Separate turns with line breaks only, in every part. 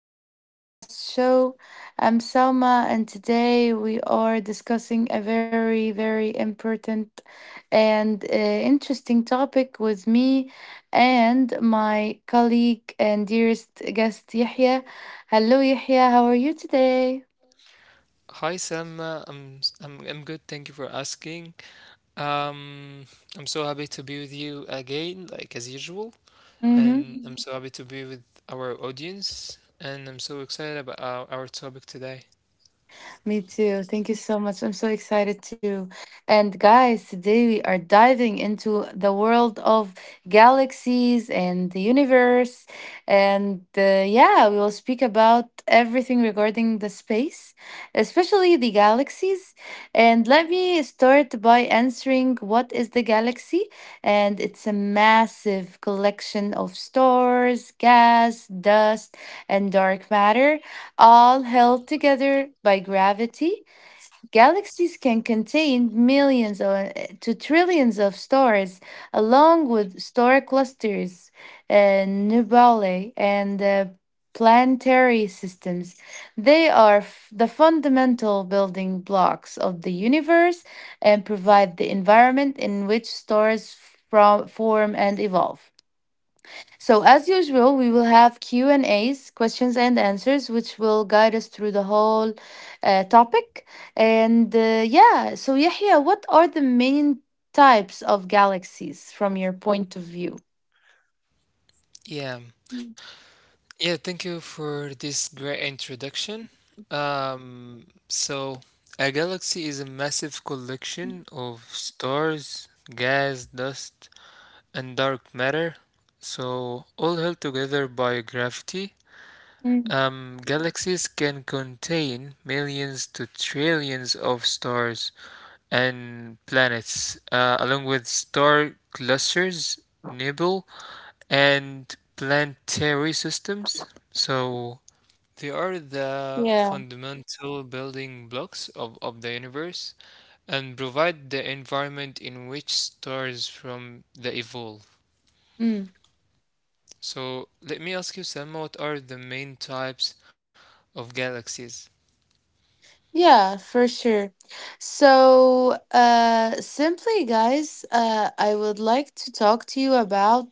our new podcast show. I'm Salma, and today we are discussing a very, very important and interesting topic with me and my colleague and dearest guest, Yahya. Hello, Yahya. How are you today?
Hi Selma, I'm I I'm good. Thank you for asking. Um, I'm so happy to be with you again, like as usual, and I'm so happy to be with our audience, and I'm so excited about our topic today.
Me too. Thank you so much. I'm so excited too. And guys, today we are diving into the world of galaxies and the universe. And yeah, we will speak about everything regarding the space, especially the galaxies. And let me start by answering, what is the galaxy? And it's a massive collection of stars, gas, dust, and dark matter all held together by gravity. Galaxies can contain millions or to trillions of stars, along with star clusters, nebulae, and planetary systems. They are the fundamental building blocks of the universe and provide the environment in which stars form and evolve. So as usual, we will have Q&A's, questions and answers, which will guide us through the whole topic. And yeah, so Yahya, what are the main types of galaxies from your point of view?
Yeah, yeah. Thank you for this great introduction. So a galaxy is a massive collection of stars, gas, dust, and dark matter. So all held together by gravity.
Mm,
Galaxies can contain millions to trillions of stars and planets, along with star clusters, nebulae, and planetary systems. So they are the
yeah.
fundamental building blocks of the universe and provide the environment in which stars from the evolve. So let me ask you, Selma, what are the main types of galaxies?
Yeah, for sure. So, simply, guys, I would like to talk to you about,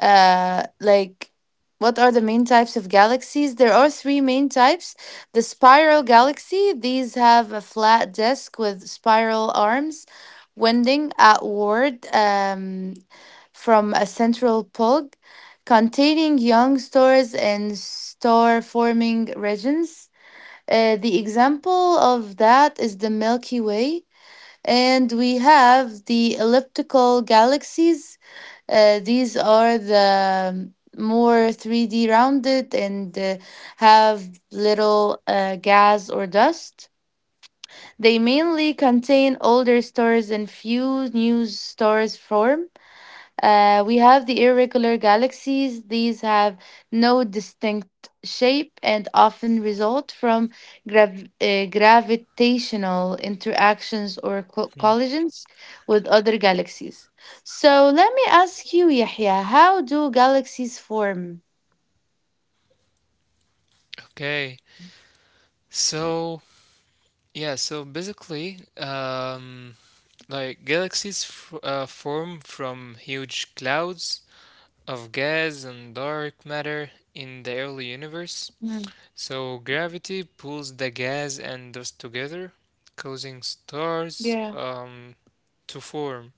like, what are the main types of galaxies? There are three main types. The spiral galaxy, these have a flat disk with spiral arms winding outward, from a central pole, containing young stars and star-forming regions. The example of that is the Milky Way, and we have the elliptical galaxies. These are the more 3D rounded and have little gas or dust. They mainly contain older stars and few new stars form. We have the irregular galaxies. These have no distinct shape and often result from gravitational interactions or collisions with other galaxies. So let me ask you, Yahya, how do galaxies form?
Okay. So, yeah, so basically, like galaxies f form from huge clouds of gas and dark matter in the early
Mm.
universe. So, gravity pulls the gas and dust together, causing stars to form,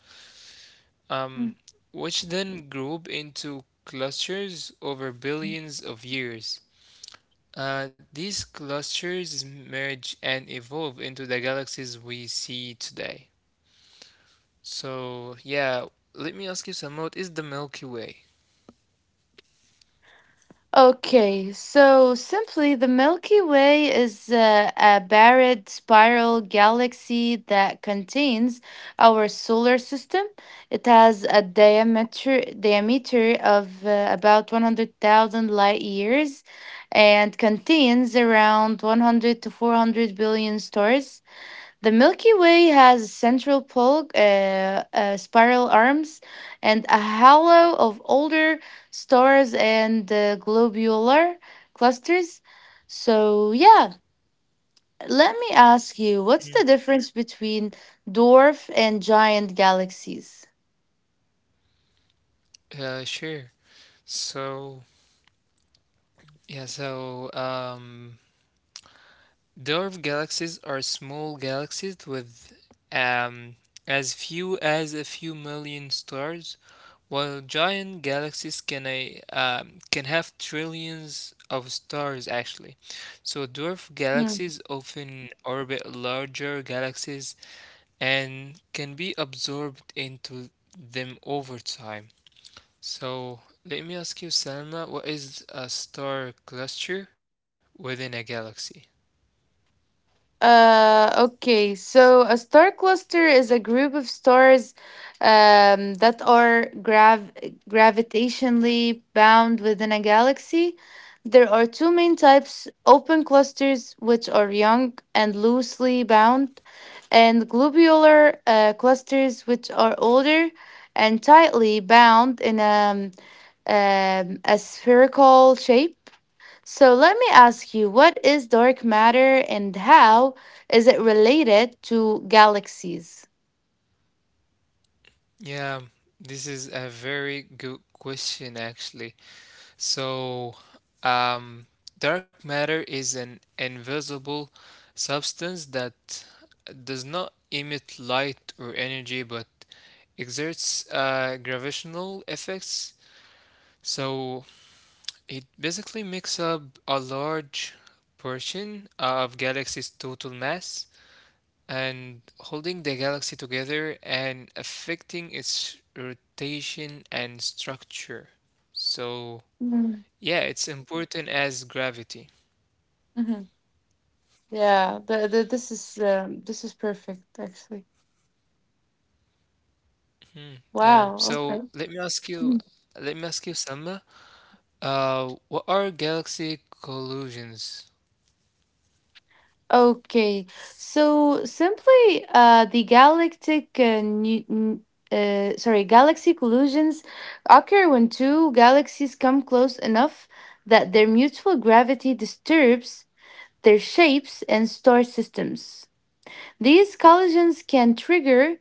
um, which then group into clusters over billions of years. These clusters merge and evolve into the galaxies we see today. So, yeah, Let me ask you some more. Is the Milky Way?
Okay, so simply, the Milky Way is a barred spiral galaxy that contains our solar system. It has a diameter of about 100,000 light years and contains around 100 to 400 billion stars. The Milky Way has a central pole, spiral arms, and a halo of older stars and globular clusters. So, yeah, let me ask you, what's the difference between dwarf and giant galaxies?
Sure. So, yeah, so um, Dwarf galaxies are small galaxies with um, as few as a few million stars, while giant galaxies can have trillions of stars actually. So dwarf galaxies often orbit larger galaxies and can be absorbed into them over time. So let me ask you, Salma, what is a star cluster within a galaxy?
Okay, so a star cluster is a group of stars that are gravitationally bound within a galaxy. There are two main types: open clusters, which are young and loosely bound, and globular clusters, which are older and tightly bound in a spherical shape. So let me ask you, what is dark matter and how is it related to galaxies?
Yeah, this is a very good question, actually. So, um, dark matter is an invisible substance that does not emit light or energy, but exerts gravitational effects. So, it basically makes up a large portion of galaxy's total mass and holding the galaxy together and affecting its rotation and structure. So,
Mm-hmm.
yeah, it's important as gravity.
Yeah, this is perfect actually.
Yeah.
Wow,
So,
okay. Mhm.
let me ask you, Selma, what are galaxy collisions?
Okay. So simply, the galactic nu- n- sorry, galaxy collisions occur when two galaxies come close enough that their mutual gravity disturbs their shapes and star systems. These collisions can trigger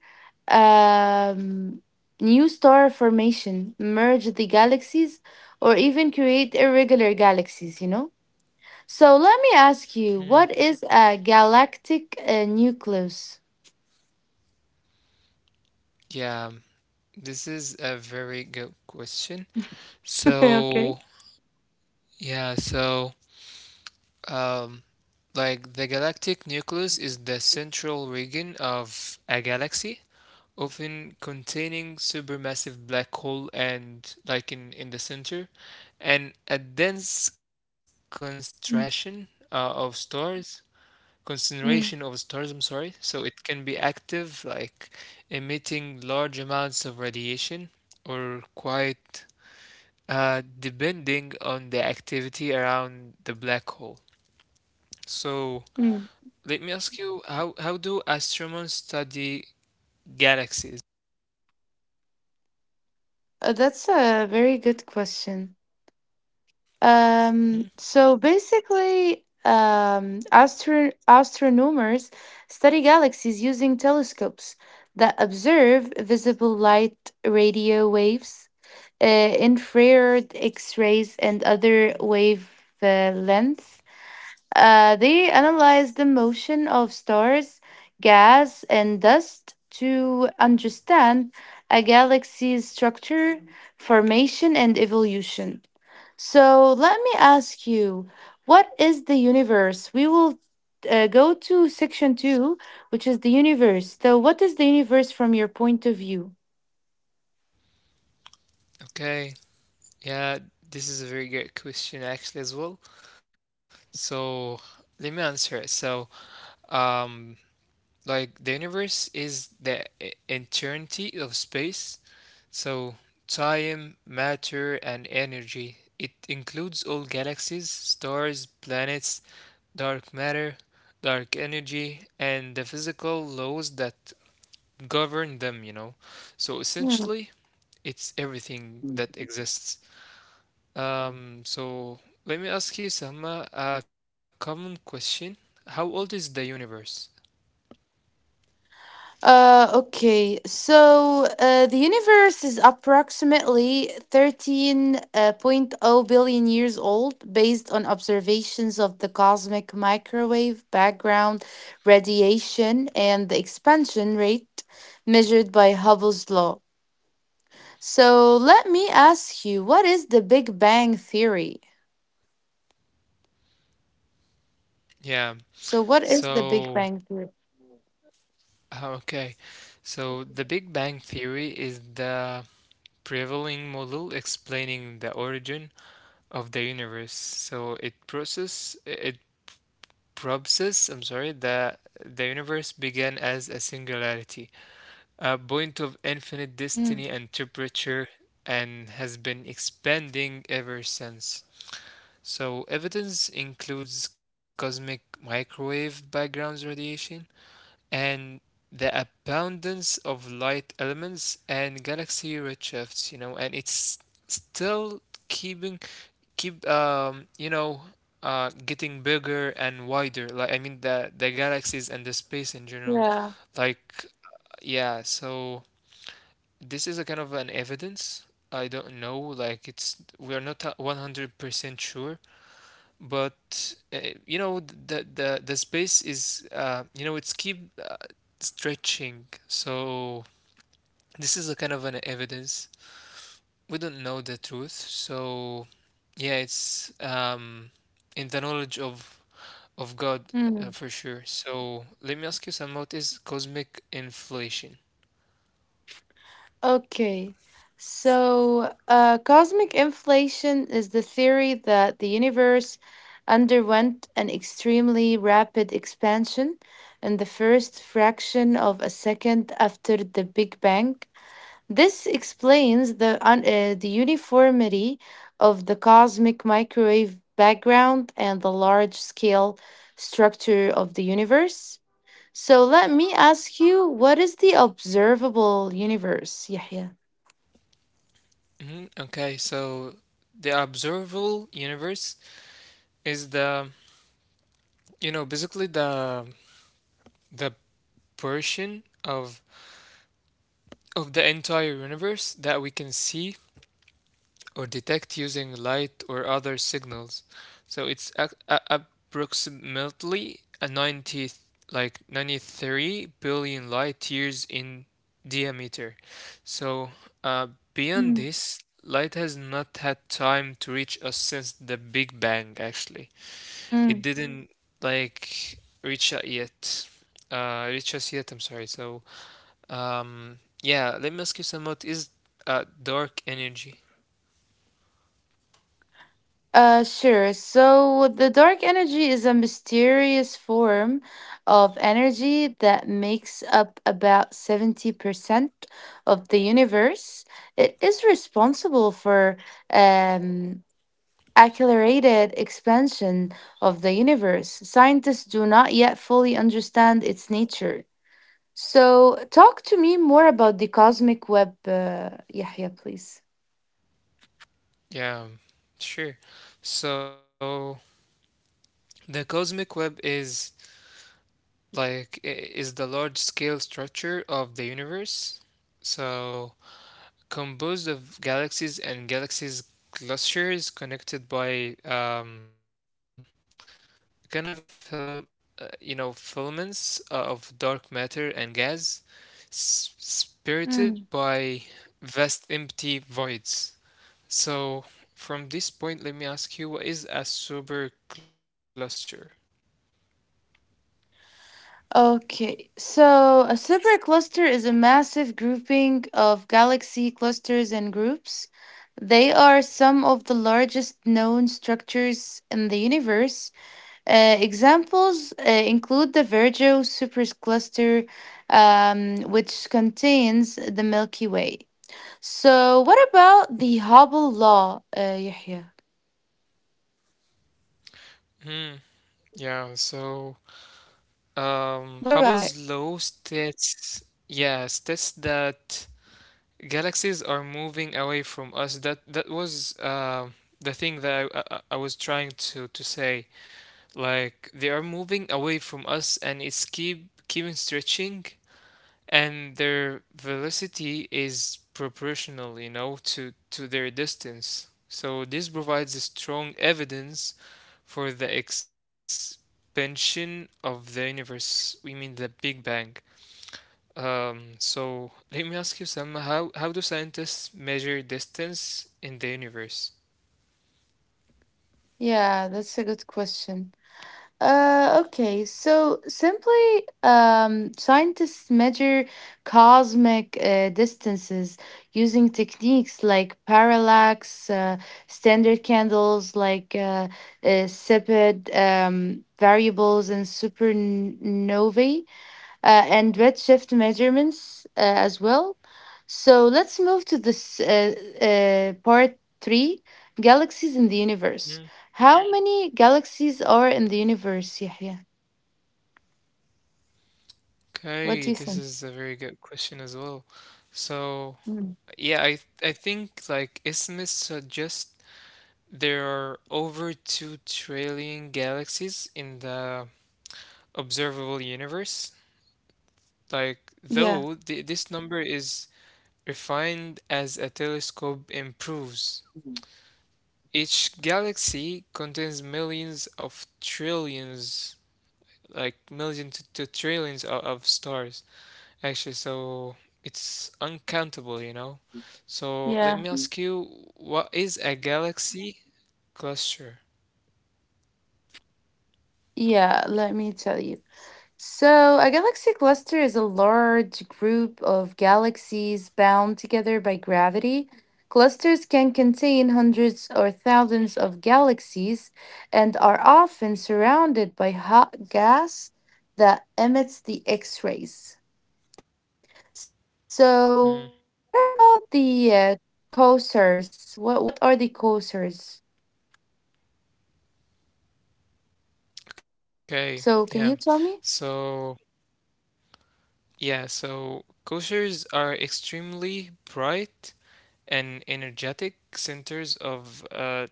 um, new star formation, merge the galaxies, or even create irregular galaxies. So let me ask you, what is a galactic nucleus?
Yeah, this is a very good question.
Okay.
So, yeah, so, um, like the galactic nucleus is the central region of a galaxy often containing supermassive black hole and like in the center and a dense concentration uh, of stars concentration of
Mm,
stars, I'm sorry. So it can be active like emitting large amounts of radiation or quite, depending on the activity around the black hole. So
mm.
let me ask you, how do astronomers study galaxies?
That's a very good question.
Hmm?
So basically, astronomers study galaxies using telescopes that observe visible light, radio waves, infrared, X rays, and other wave lengths. They analyze the motion of stars, gas, and dust to understand a galaxy's structure, formation, and evolution. So let me ask you, what is the universe? We will go to section two, which is the universe. So, what is the universe from your point of view?
Okay, yeah, this is a very good question actually as well. So let me answer it. So, um, like the universe is the eternity of space. So time, matter, and energy. It includes all galaxies, stars, planets, dark matter, dark energy, and the physical laws that govern them, you know. So
Hmm.
essentially, it's everything that exists. So let me ask you, Selma, a common question. How old is the universe?
Okay, so the universe is approximately 13.0 billion years old based on observations of the cosmic microwave background radiation and the expansion rate measured by Hubble's law. So let me ask you, what is the Big Bang Theory?
Yeah.
So what is the Big
So,
Bang Theory?
okay. So the Big Bang Theory is the prevailing model explaining the origin of the universe. So it process it proposes. I'm sorry, the universe began as a singularity, a point
Mm,
of infinite destiny and temperature, and has been expanding ever since. So, evidence includes cosmic microwave background radiation and the abundance of light elements and galaxy redshifts, you know, and it's still keeping keep you know getting bigger and wider. Like I mean the galaxies and the space in
yeah.
general. Like yeah, so this is a kind of an evidence. I don't know, like it's we are not 100% sure but you know the space is, you know, it's keep stretching, so this is a kind of an evidence. We don't know the truth. So yeah it's um in the knowledge of god,
Mm.
for sure. So let me ask you some, what is cosmic inflation?
Okay. So cosmic inflation is the theory that the universe underwent an extremely rapid expansion in the first fraction of a second after the Big Bang. This explains the uniformity of the cosmic microwave background and the large scale structure of the universe. So let me ask you, what is the observable universe, Yahya?
Hmm, okay. So the observable universe is the, you know, basically the portion of the entire universe that we can see or detect using light or other signals. So it's approximately a 90 like 93 billion light years in diameter. So uh, beyond
Mm.
this, light has not had time to reach us since the Big Bang actually. It didn't like reach us yet. Reach us yet, I'm sorry. So yeah, let me ask you some, what is, dark energy?
Sure. So the dark energy is a mysterious form of energy that makes up about 70% of the universe. It is responsible for um, accelerated expansion of the universe. Scientists do not yet fully understand its nature. So talk to me more about the cosmic web, Yahya, please.
Yeah, sure. So the cosmic web is like is the large scale structure of the universe. So composed of galaxies and galaxies clusters connected by, kind of a film, you know, filaments of dark matter and gas, spirited by vast empty voids. So from this point, let me ask you, what is a supercluster?
Okay, so a supercluster is a massive grouping of galaxy clusters and groups. They are some of the largest known structures in the universe. Examples include the Virgo supercluster, which contains the Milky Way. So, what about the Hubble law, Yahya?
Hmm. Yeah. So,
What about it?
Hubble's law states, yeah, states that galaxies are moving away from us. That that was the thing that I was trying to say. Like they are moving away from us, and it's keep keeping stretching. And their velocity is proportional, you know, to their distance. So this provides a strong evidence for the expansion of the universe. We mean the Big Bang. So let me ask you, Sam, how do scientists measure distance in the universe?
Yeah, that's a good question. Okay, so simply, scientists measure cosmic distances using techniques like parallax, standard candles like CEPED, variables, and supernovae, and redshift measurements as well. So let's move to this part three, galaxies in the universe.
Mm.
How many galaxies are in the universe, Yahya?
Okay,
What do you
this
think?
is a very good question as well. So,
Mm.
yeah, I think like estimates suggest there are over 2 trillion galaxies in the observable universe. Like,
Yeah,
though this number is refined as a telescope improves, each galaxy contains millions of trillions, like millions to trillions of stars, actually. So it's uncountable, you know? So let
yeah,
me ask you, what is a galaxy cluster?
yeah. Let me tell you. So, a galaxy cluster is a large group of galaxies bound together by gravity. Clusters can contain hundreds or thousands of galaxies and are often surrounded by hot gas that emits the X rays. So, what about
Hmm.
the quasars? What are the quasars? So,
Okay,
can you
yeah.
tell me?
So, yeah, so koshers are extremely bright and energetic centers of,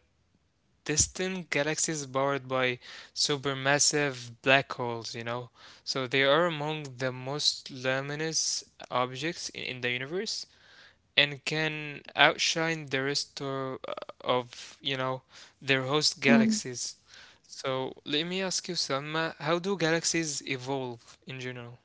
distant galaxies powered by supermassive black holes, you know. So they are among the most luminous objects in the universe and can outshine the rest of you know, their host
Mm.
galaxies. So let me ask you, Selma, how do galaxies evolve in general?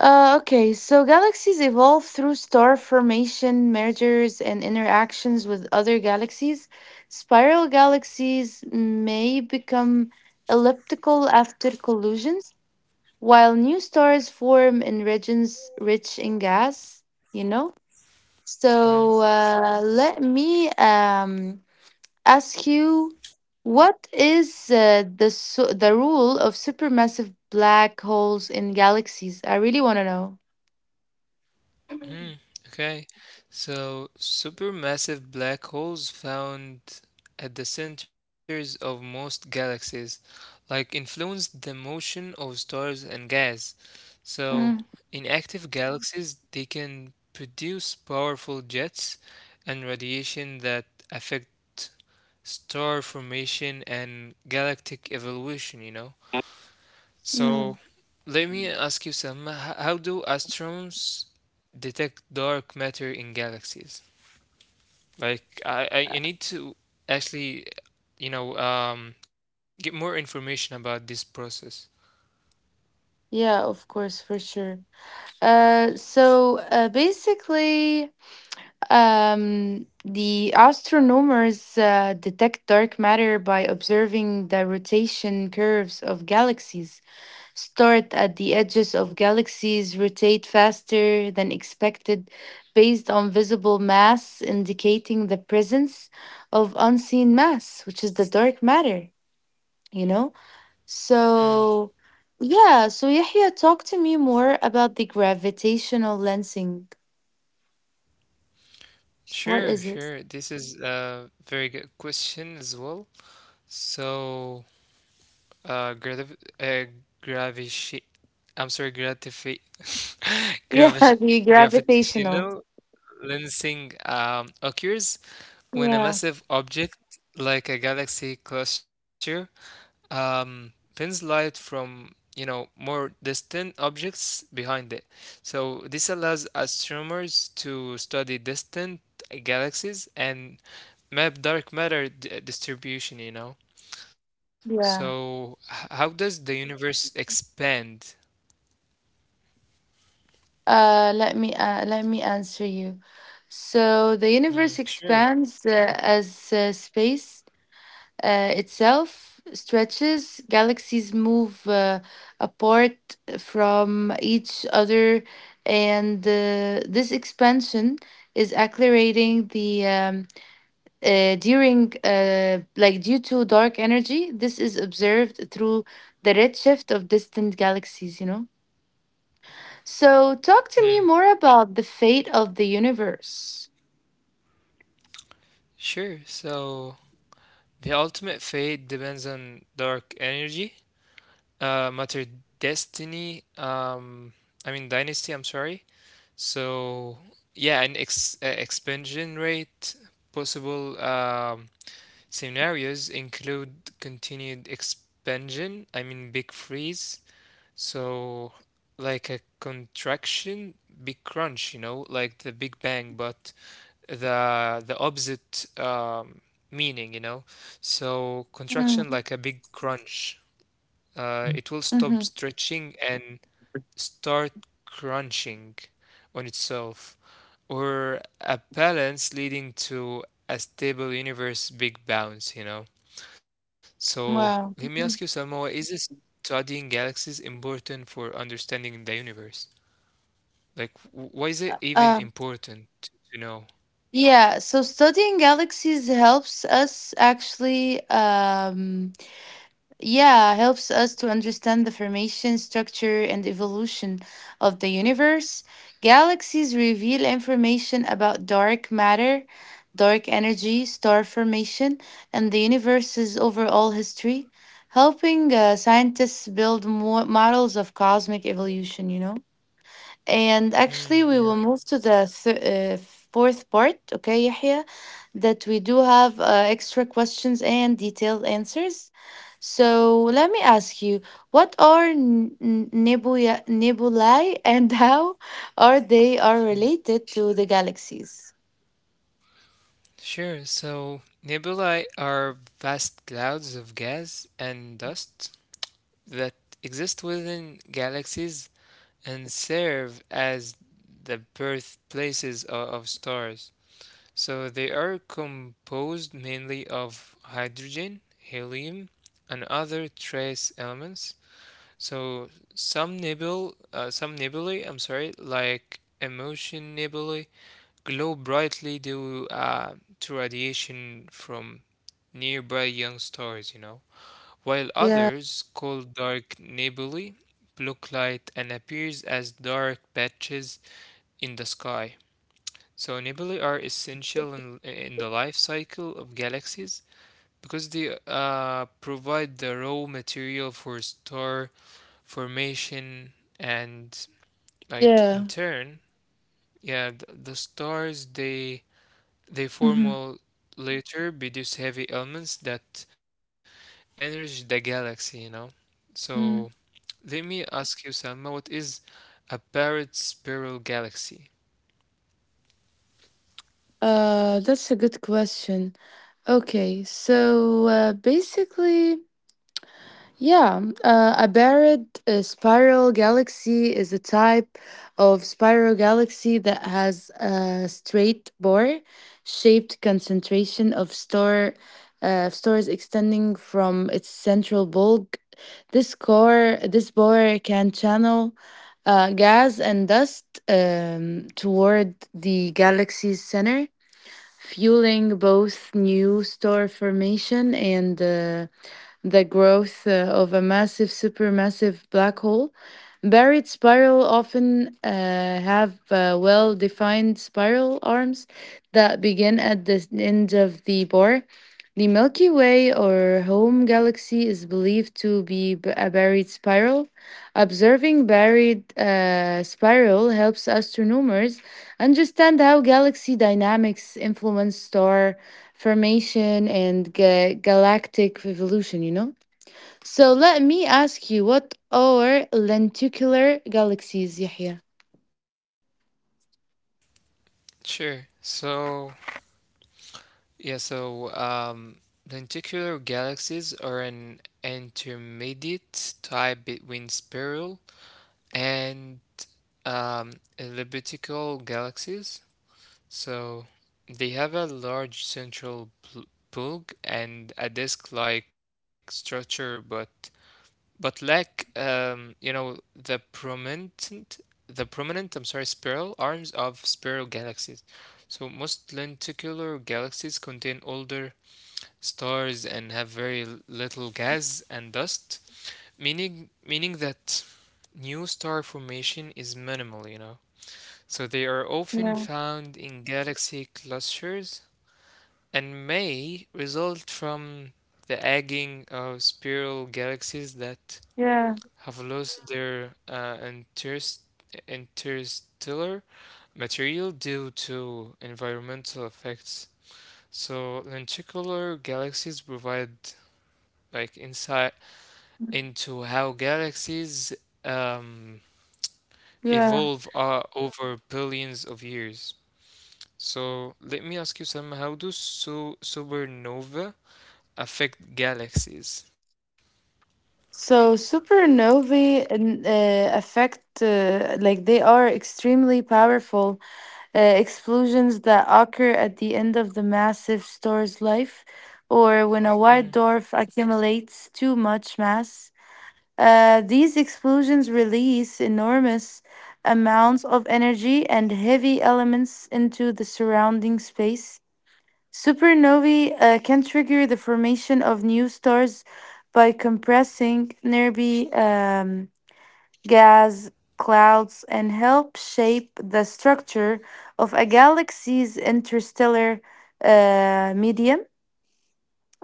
Okay, so galaxies evolve through star formation, mergers, and interactions with other galaxies. Spiral galaxies may become elliptical after collisions, while new stars form in regions rich in gas, you know?
Hmm?
So let me ask you, what is the, the rule of supermassive black holes in galaxies? I really want to know.
Hmm. Okay. So, supermassive black holes found at the centers of most galaxies, like influence the motion of stars and gas. So,
Mm-hmm.
in active galaxies, they can produce powerful jets and radiation that affect star formation and galactic evolution, you know?
Mm,
So let me ask you some. How do astronomers detect dark matter in galaxies? Like I need to actually, you know, get more information about this process.
yeah, of course, for sure. So basically, the astronomers detect dark matter by observing the rotation curves of galaxies. Start at the edges of galaxies, rotate faster than expected based on visible mass, indicating the presence of unseen mass, which is the dark matter, you know?
Mm.
So, yeah, so Yahya, talk to me more about the gravitational lensing. What
Sure,
is it?
This is a very good question as well. So, uh, gravi uh, gravish, I'm sorry, gratifi,
Yeah,
gravish,
the gravitational.
gravitational lensing occurs when a
Yeah,
massive object like a galaxy cluster, pins light from, you know, more distant objects behind it. So this allows astronomers to study distant galaxies and map dark matter distribution. You know. So
yeah.
how does the universe expand?
Let me answer you. So the
Mm,
universe
sure.
expands as space itself stretches. Galaxies move apart from each other, and this expansion is accelerating the, during like due to dark energy. This is observed through the redshift of distant galaxies. So talk to
Mm,
me more about the fate of the universe.
sure. So, the ultimate fate depends on dark energy, matter destiny, I mean dynasty, I'm sorry. So, yeah, an ex expansion rate possible, scenarios include continued expansion, I mean big freeze. So, like a contraction, big crunch, you know, like the Big Bang, but the opposite, meaning, you know. So
Mm-hmm.
contraction like a big crunch. It will stop stretching and start crunching on itself, or a balance leading to a stable universe big bounce, you know. So let me
Wow.
ask you, Selma, is studying galaxies important for understanding the universe? Like, why is it even
um,
important to know?
yeah, so studying galaxies helps us actually, yeah, helps us to understand the formation, structure, and evolution of the universe. Galaxies reveal information about dark matter, dark energy, star formation, and the universe's overall history, helping scientists build more models of cosmic evolution. And actually, we will
Mm.
move to the fourth part, okay, Yahya. That we do have extra questions and detailed answers. So let me ask you, what are nebulae and how or they are related to the galaxies?
Sure. So nebulae are vast clouds of gas and dust that exist within galaxies and serve as the birthplaces of stars. So they are composed mainly of hydrogen, helium, and other trace elements. So some nebulae, I'm sorry, like Emotion Nebulae glow brightly due, to radiation from nearby young stars, you know, while
Yeah.
others, called dark nebulae, block light and appears as dark patches in the sky. So nebulae are essential in the life cycle of galaxies because they, provide the raw material for star formation and like in
Yeah.
turn yeah, the stars they form
Hmm.
will later produce heavy elements that enrich the galaxy, you know? So let me ask you, Salma, what is a barred spiral galaxy?
That's a good question. Okay, so basically, yeah, a barred spiral galaxy is a type of spiral galaxy that has a straight bore shaped concentration of star of stars extending from its central bulk. This core, this bore can channel gas and dust toward the galaxy's center, fueling both new star formation and the growth of a massive supermassive black hole. Buried spiral often have well defined spiral arms that begin at the end of the bore. The Milky Way, or home galaxy, is believed to be a buried spiral. Observing buried spiral helps astronomers understand how galaxy dynamics influence star formation and galactic evolution. So let me ask you, what are lenticular galaxies, Yahya?
Sure. Yeah, so um, Lenticular galaxies are an intermediate type between spiral and, um, elliptical galaxies. So they have a large central bulb and a disc-like structure, but lack, you know, the prominent, I'm sorry, spiral arms of spiral galaxies. So most lenticular galaxies contain older stars and have very little gas and dust, meaning that new star formation is minimal. You know. So they are often
Yeah,
found in galaxy clusters and may result from the egging of spiral galaxies that
yeah,
have lost their, interstellar material due to environmental effects. So lenticular galaxies provide like insight into how galaxies, um,
yeah.
evolve, over billions of years. So let me ask you some, how do so supernova affect galaxies?
So supernovae, affect, like, they are extremely powerful explosions that occur at the end of the massive star's life, or when a white dwarf accumulates too much mass. These explosions release enormous amounts of energy and heavy elements into the surrounding space. Supernovae can trigger the formation of new stars by compressing nearby gas clouds and help shape the structure of a galaxy's interstellar medium.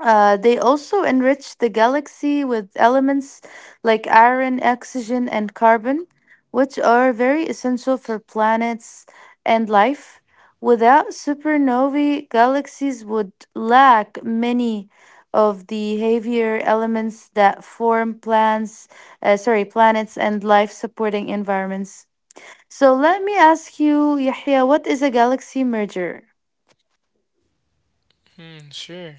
They also enrich the galaxy with elements like iron, oxygen, and carbon, which are very essential for planets and life. Without supernovae, galaxies would lack many of the heavier elements that form planets and life-supporting environments. So let me ask you, Yahya, what is a galaxy merger?
Hmm, sure.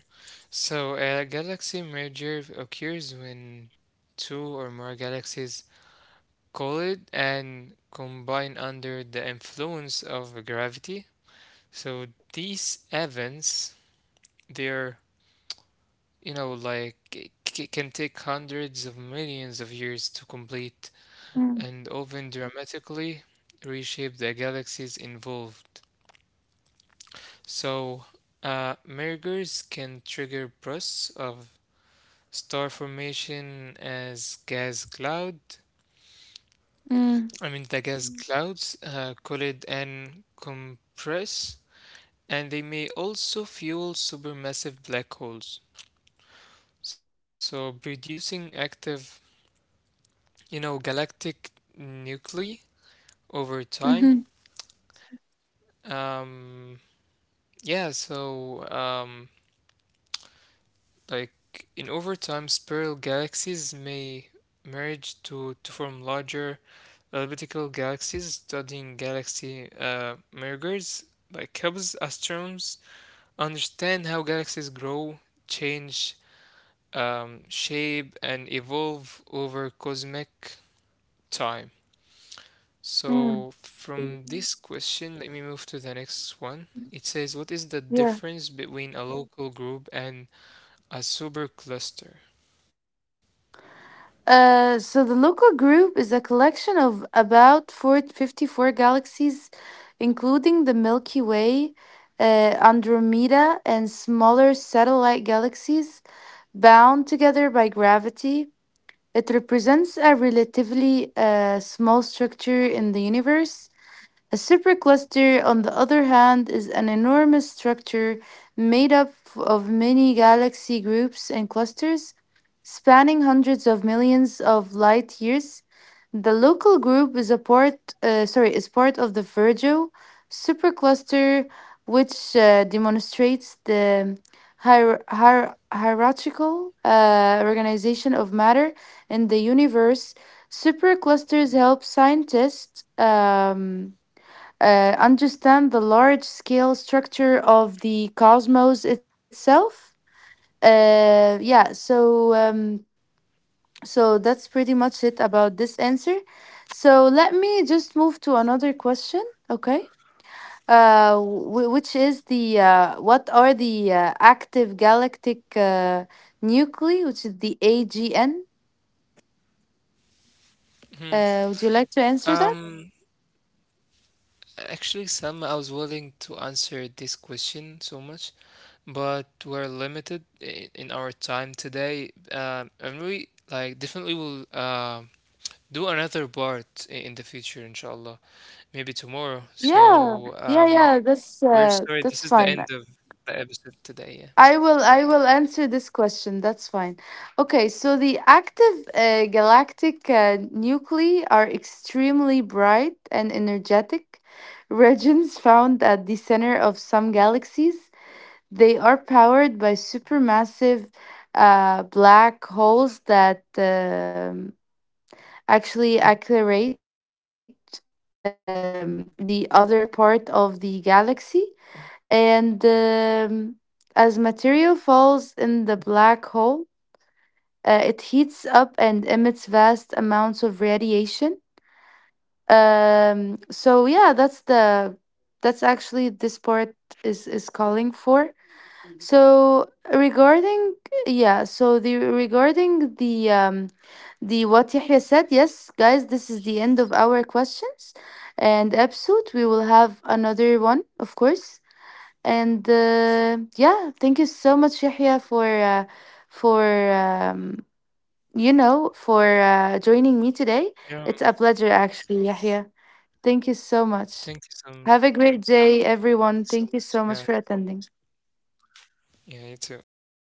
So a galaxy merger occurs when two or more galaxies collide and combine under the influence of gravity. So these events, they're, you know, like can take hundreds of millions of years to complete
Mm,
and often dramatically reshape the galaxies involved. So, mergers can trigger bursts of star formation as gas cloud.
mm,
I mean, the gas clouds, collide and compress, and they may also fuel supermassive black holes. So, producing active, you know, galactic nuclei over time.
mhm,
Um, yeah, so um, Like in over time, spiral galaxies may merge to form larger elliptical galaxies. Studying galaxy, mergers like helps astronomers understand how galaxies grow, change, shape, and evolve over cosmic time.
mm.
So from this question, let me move to the next one. It says, what is the
Yeah.
difference between a local group and a supercluster?
So the local group is a collection of about 454 galaxies, including the Milky Way, uh, Andromeda, and smaller satellite galaxies bound together by gravity. It represents a relatively small structure in the universe. A supercluster, on the other hand, is an enormous structure made up of many galaxy groups and clusters spanning hundreds of millions of light years. The local group is is part of the Virgo supercluster, which demonstrates the hierarchical organization of matter in the universe. Superclusters help scientists understand the large scale structure of the cosmos itself. Yeah, so so that's pretty much it about this answer. So let me just move to another question, okay? W- which is the what are the active galactic nuclei, which is the AGN? Would you like to answer that?
Um, Actually, Sam, I was willing to answer this question so much, but we're limited in our time today. And we like definitely will do another part in the future, inshallah, maybe tomorrow. So
Yeah, yeah, yeah.
we're sorry. This
That's
is the
fine.
end of the episode today. Yeah.
I will answer this question. That's fine. Okay, so the active galactic nuclei are extremely bright and energetic regions found at the center of some galaxies. They are powered by supermassive black holes that actually accelerate the other part of the galaxy, and as material falls in the black hole, it heats up and emits vast amounts of radiation. So yeah, that's the that's actually this part is calling for. So regarding, yeah, so the regarding, the, the, what Yahya said, yes, guys, this is the end of our questions and episode. We will have another one, of course. And yeah, thank you so much, Yahya, for for um, joining me today.
Yeah.
It's a pleasure, actually, Yahya. Thank you so much.
Thank you, Sam.
Have a great day, everyone.
Thanks so
Thank you
much.
so much
Yeah.
for attending.
Yeah. You too. Goodbye.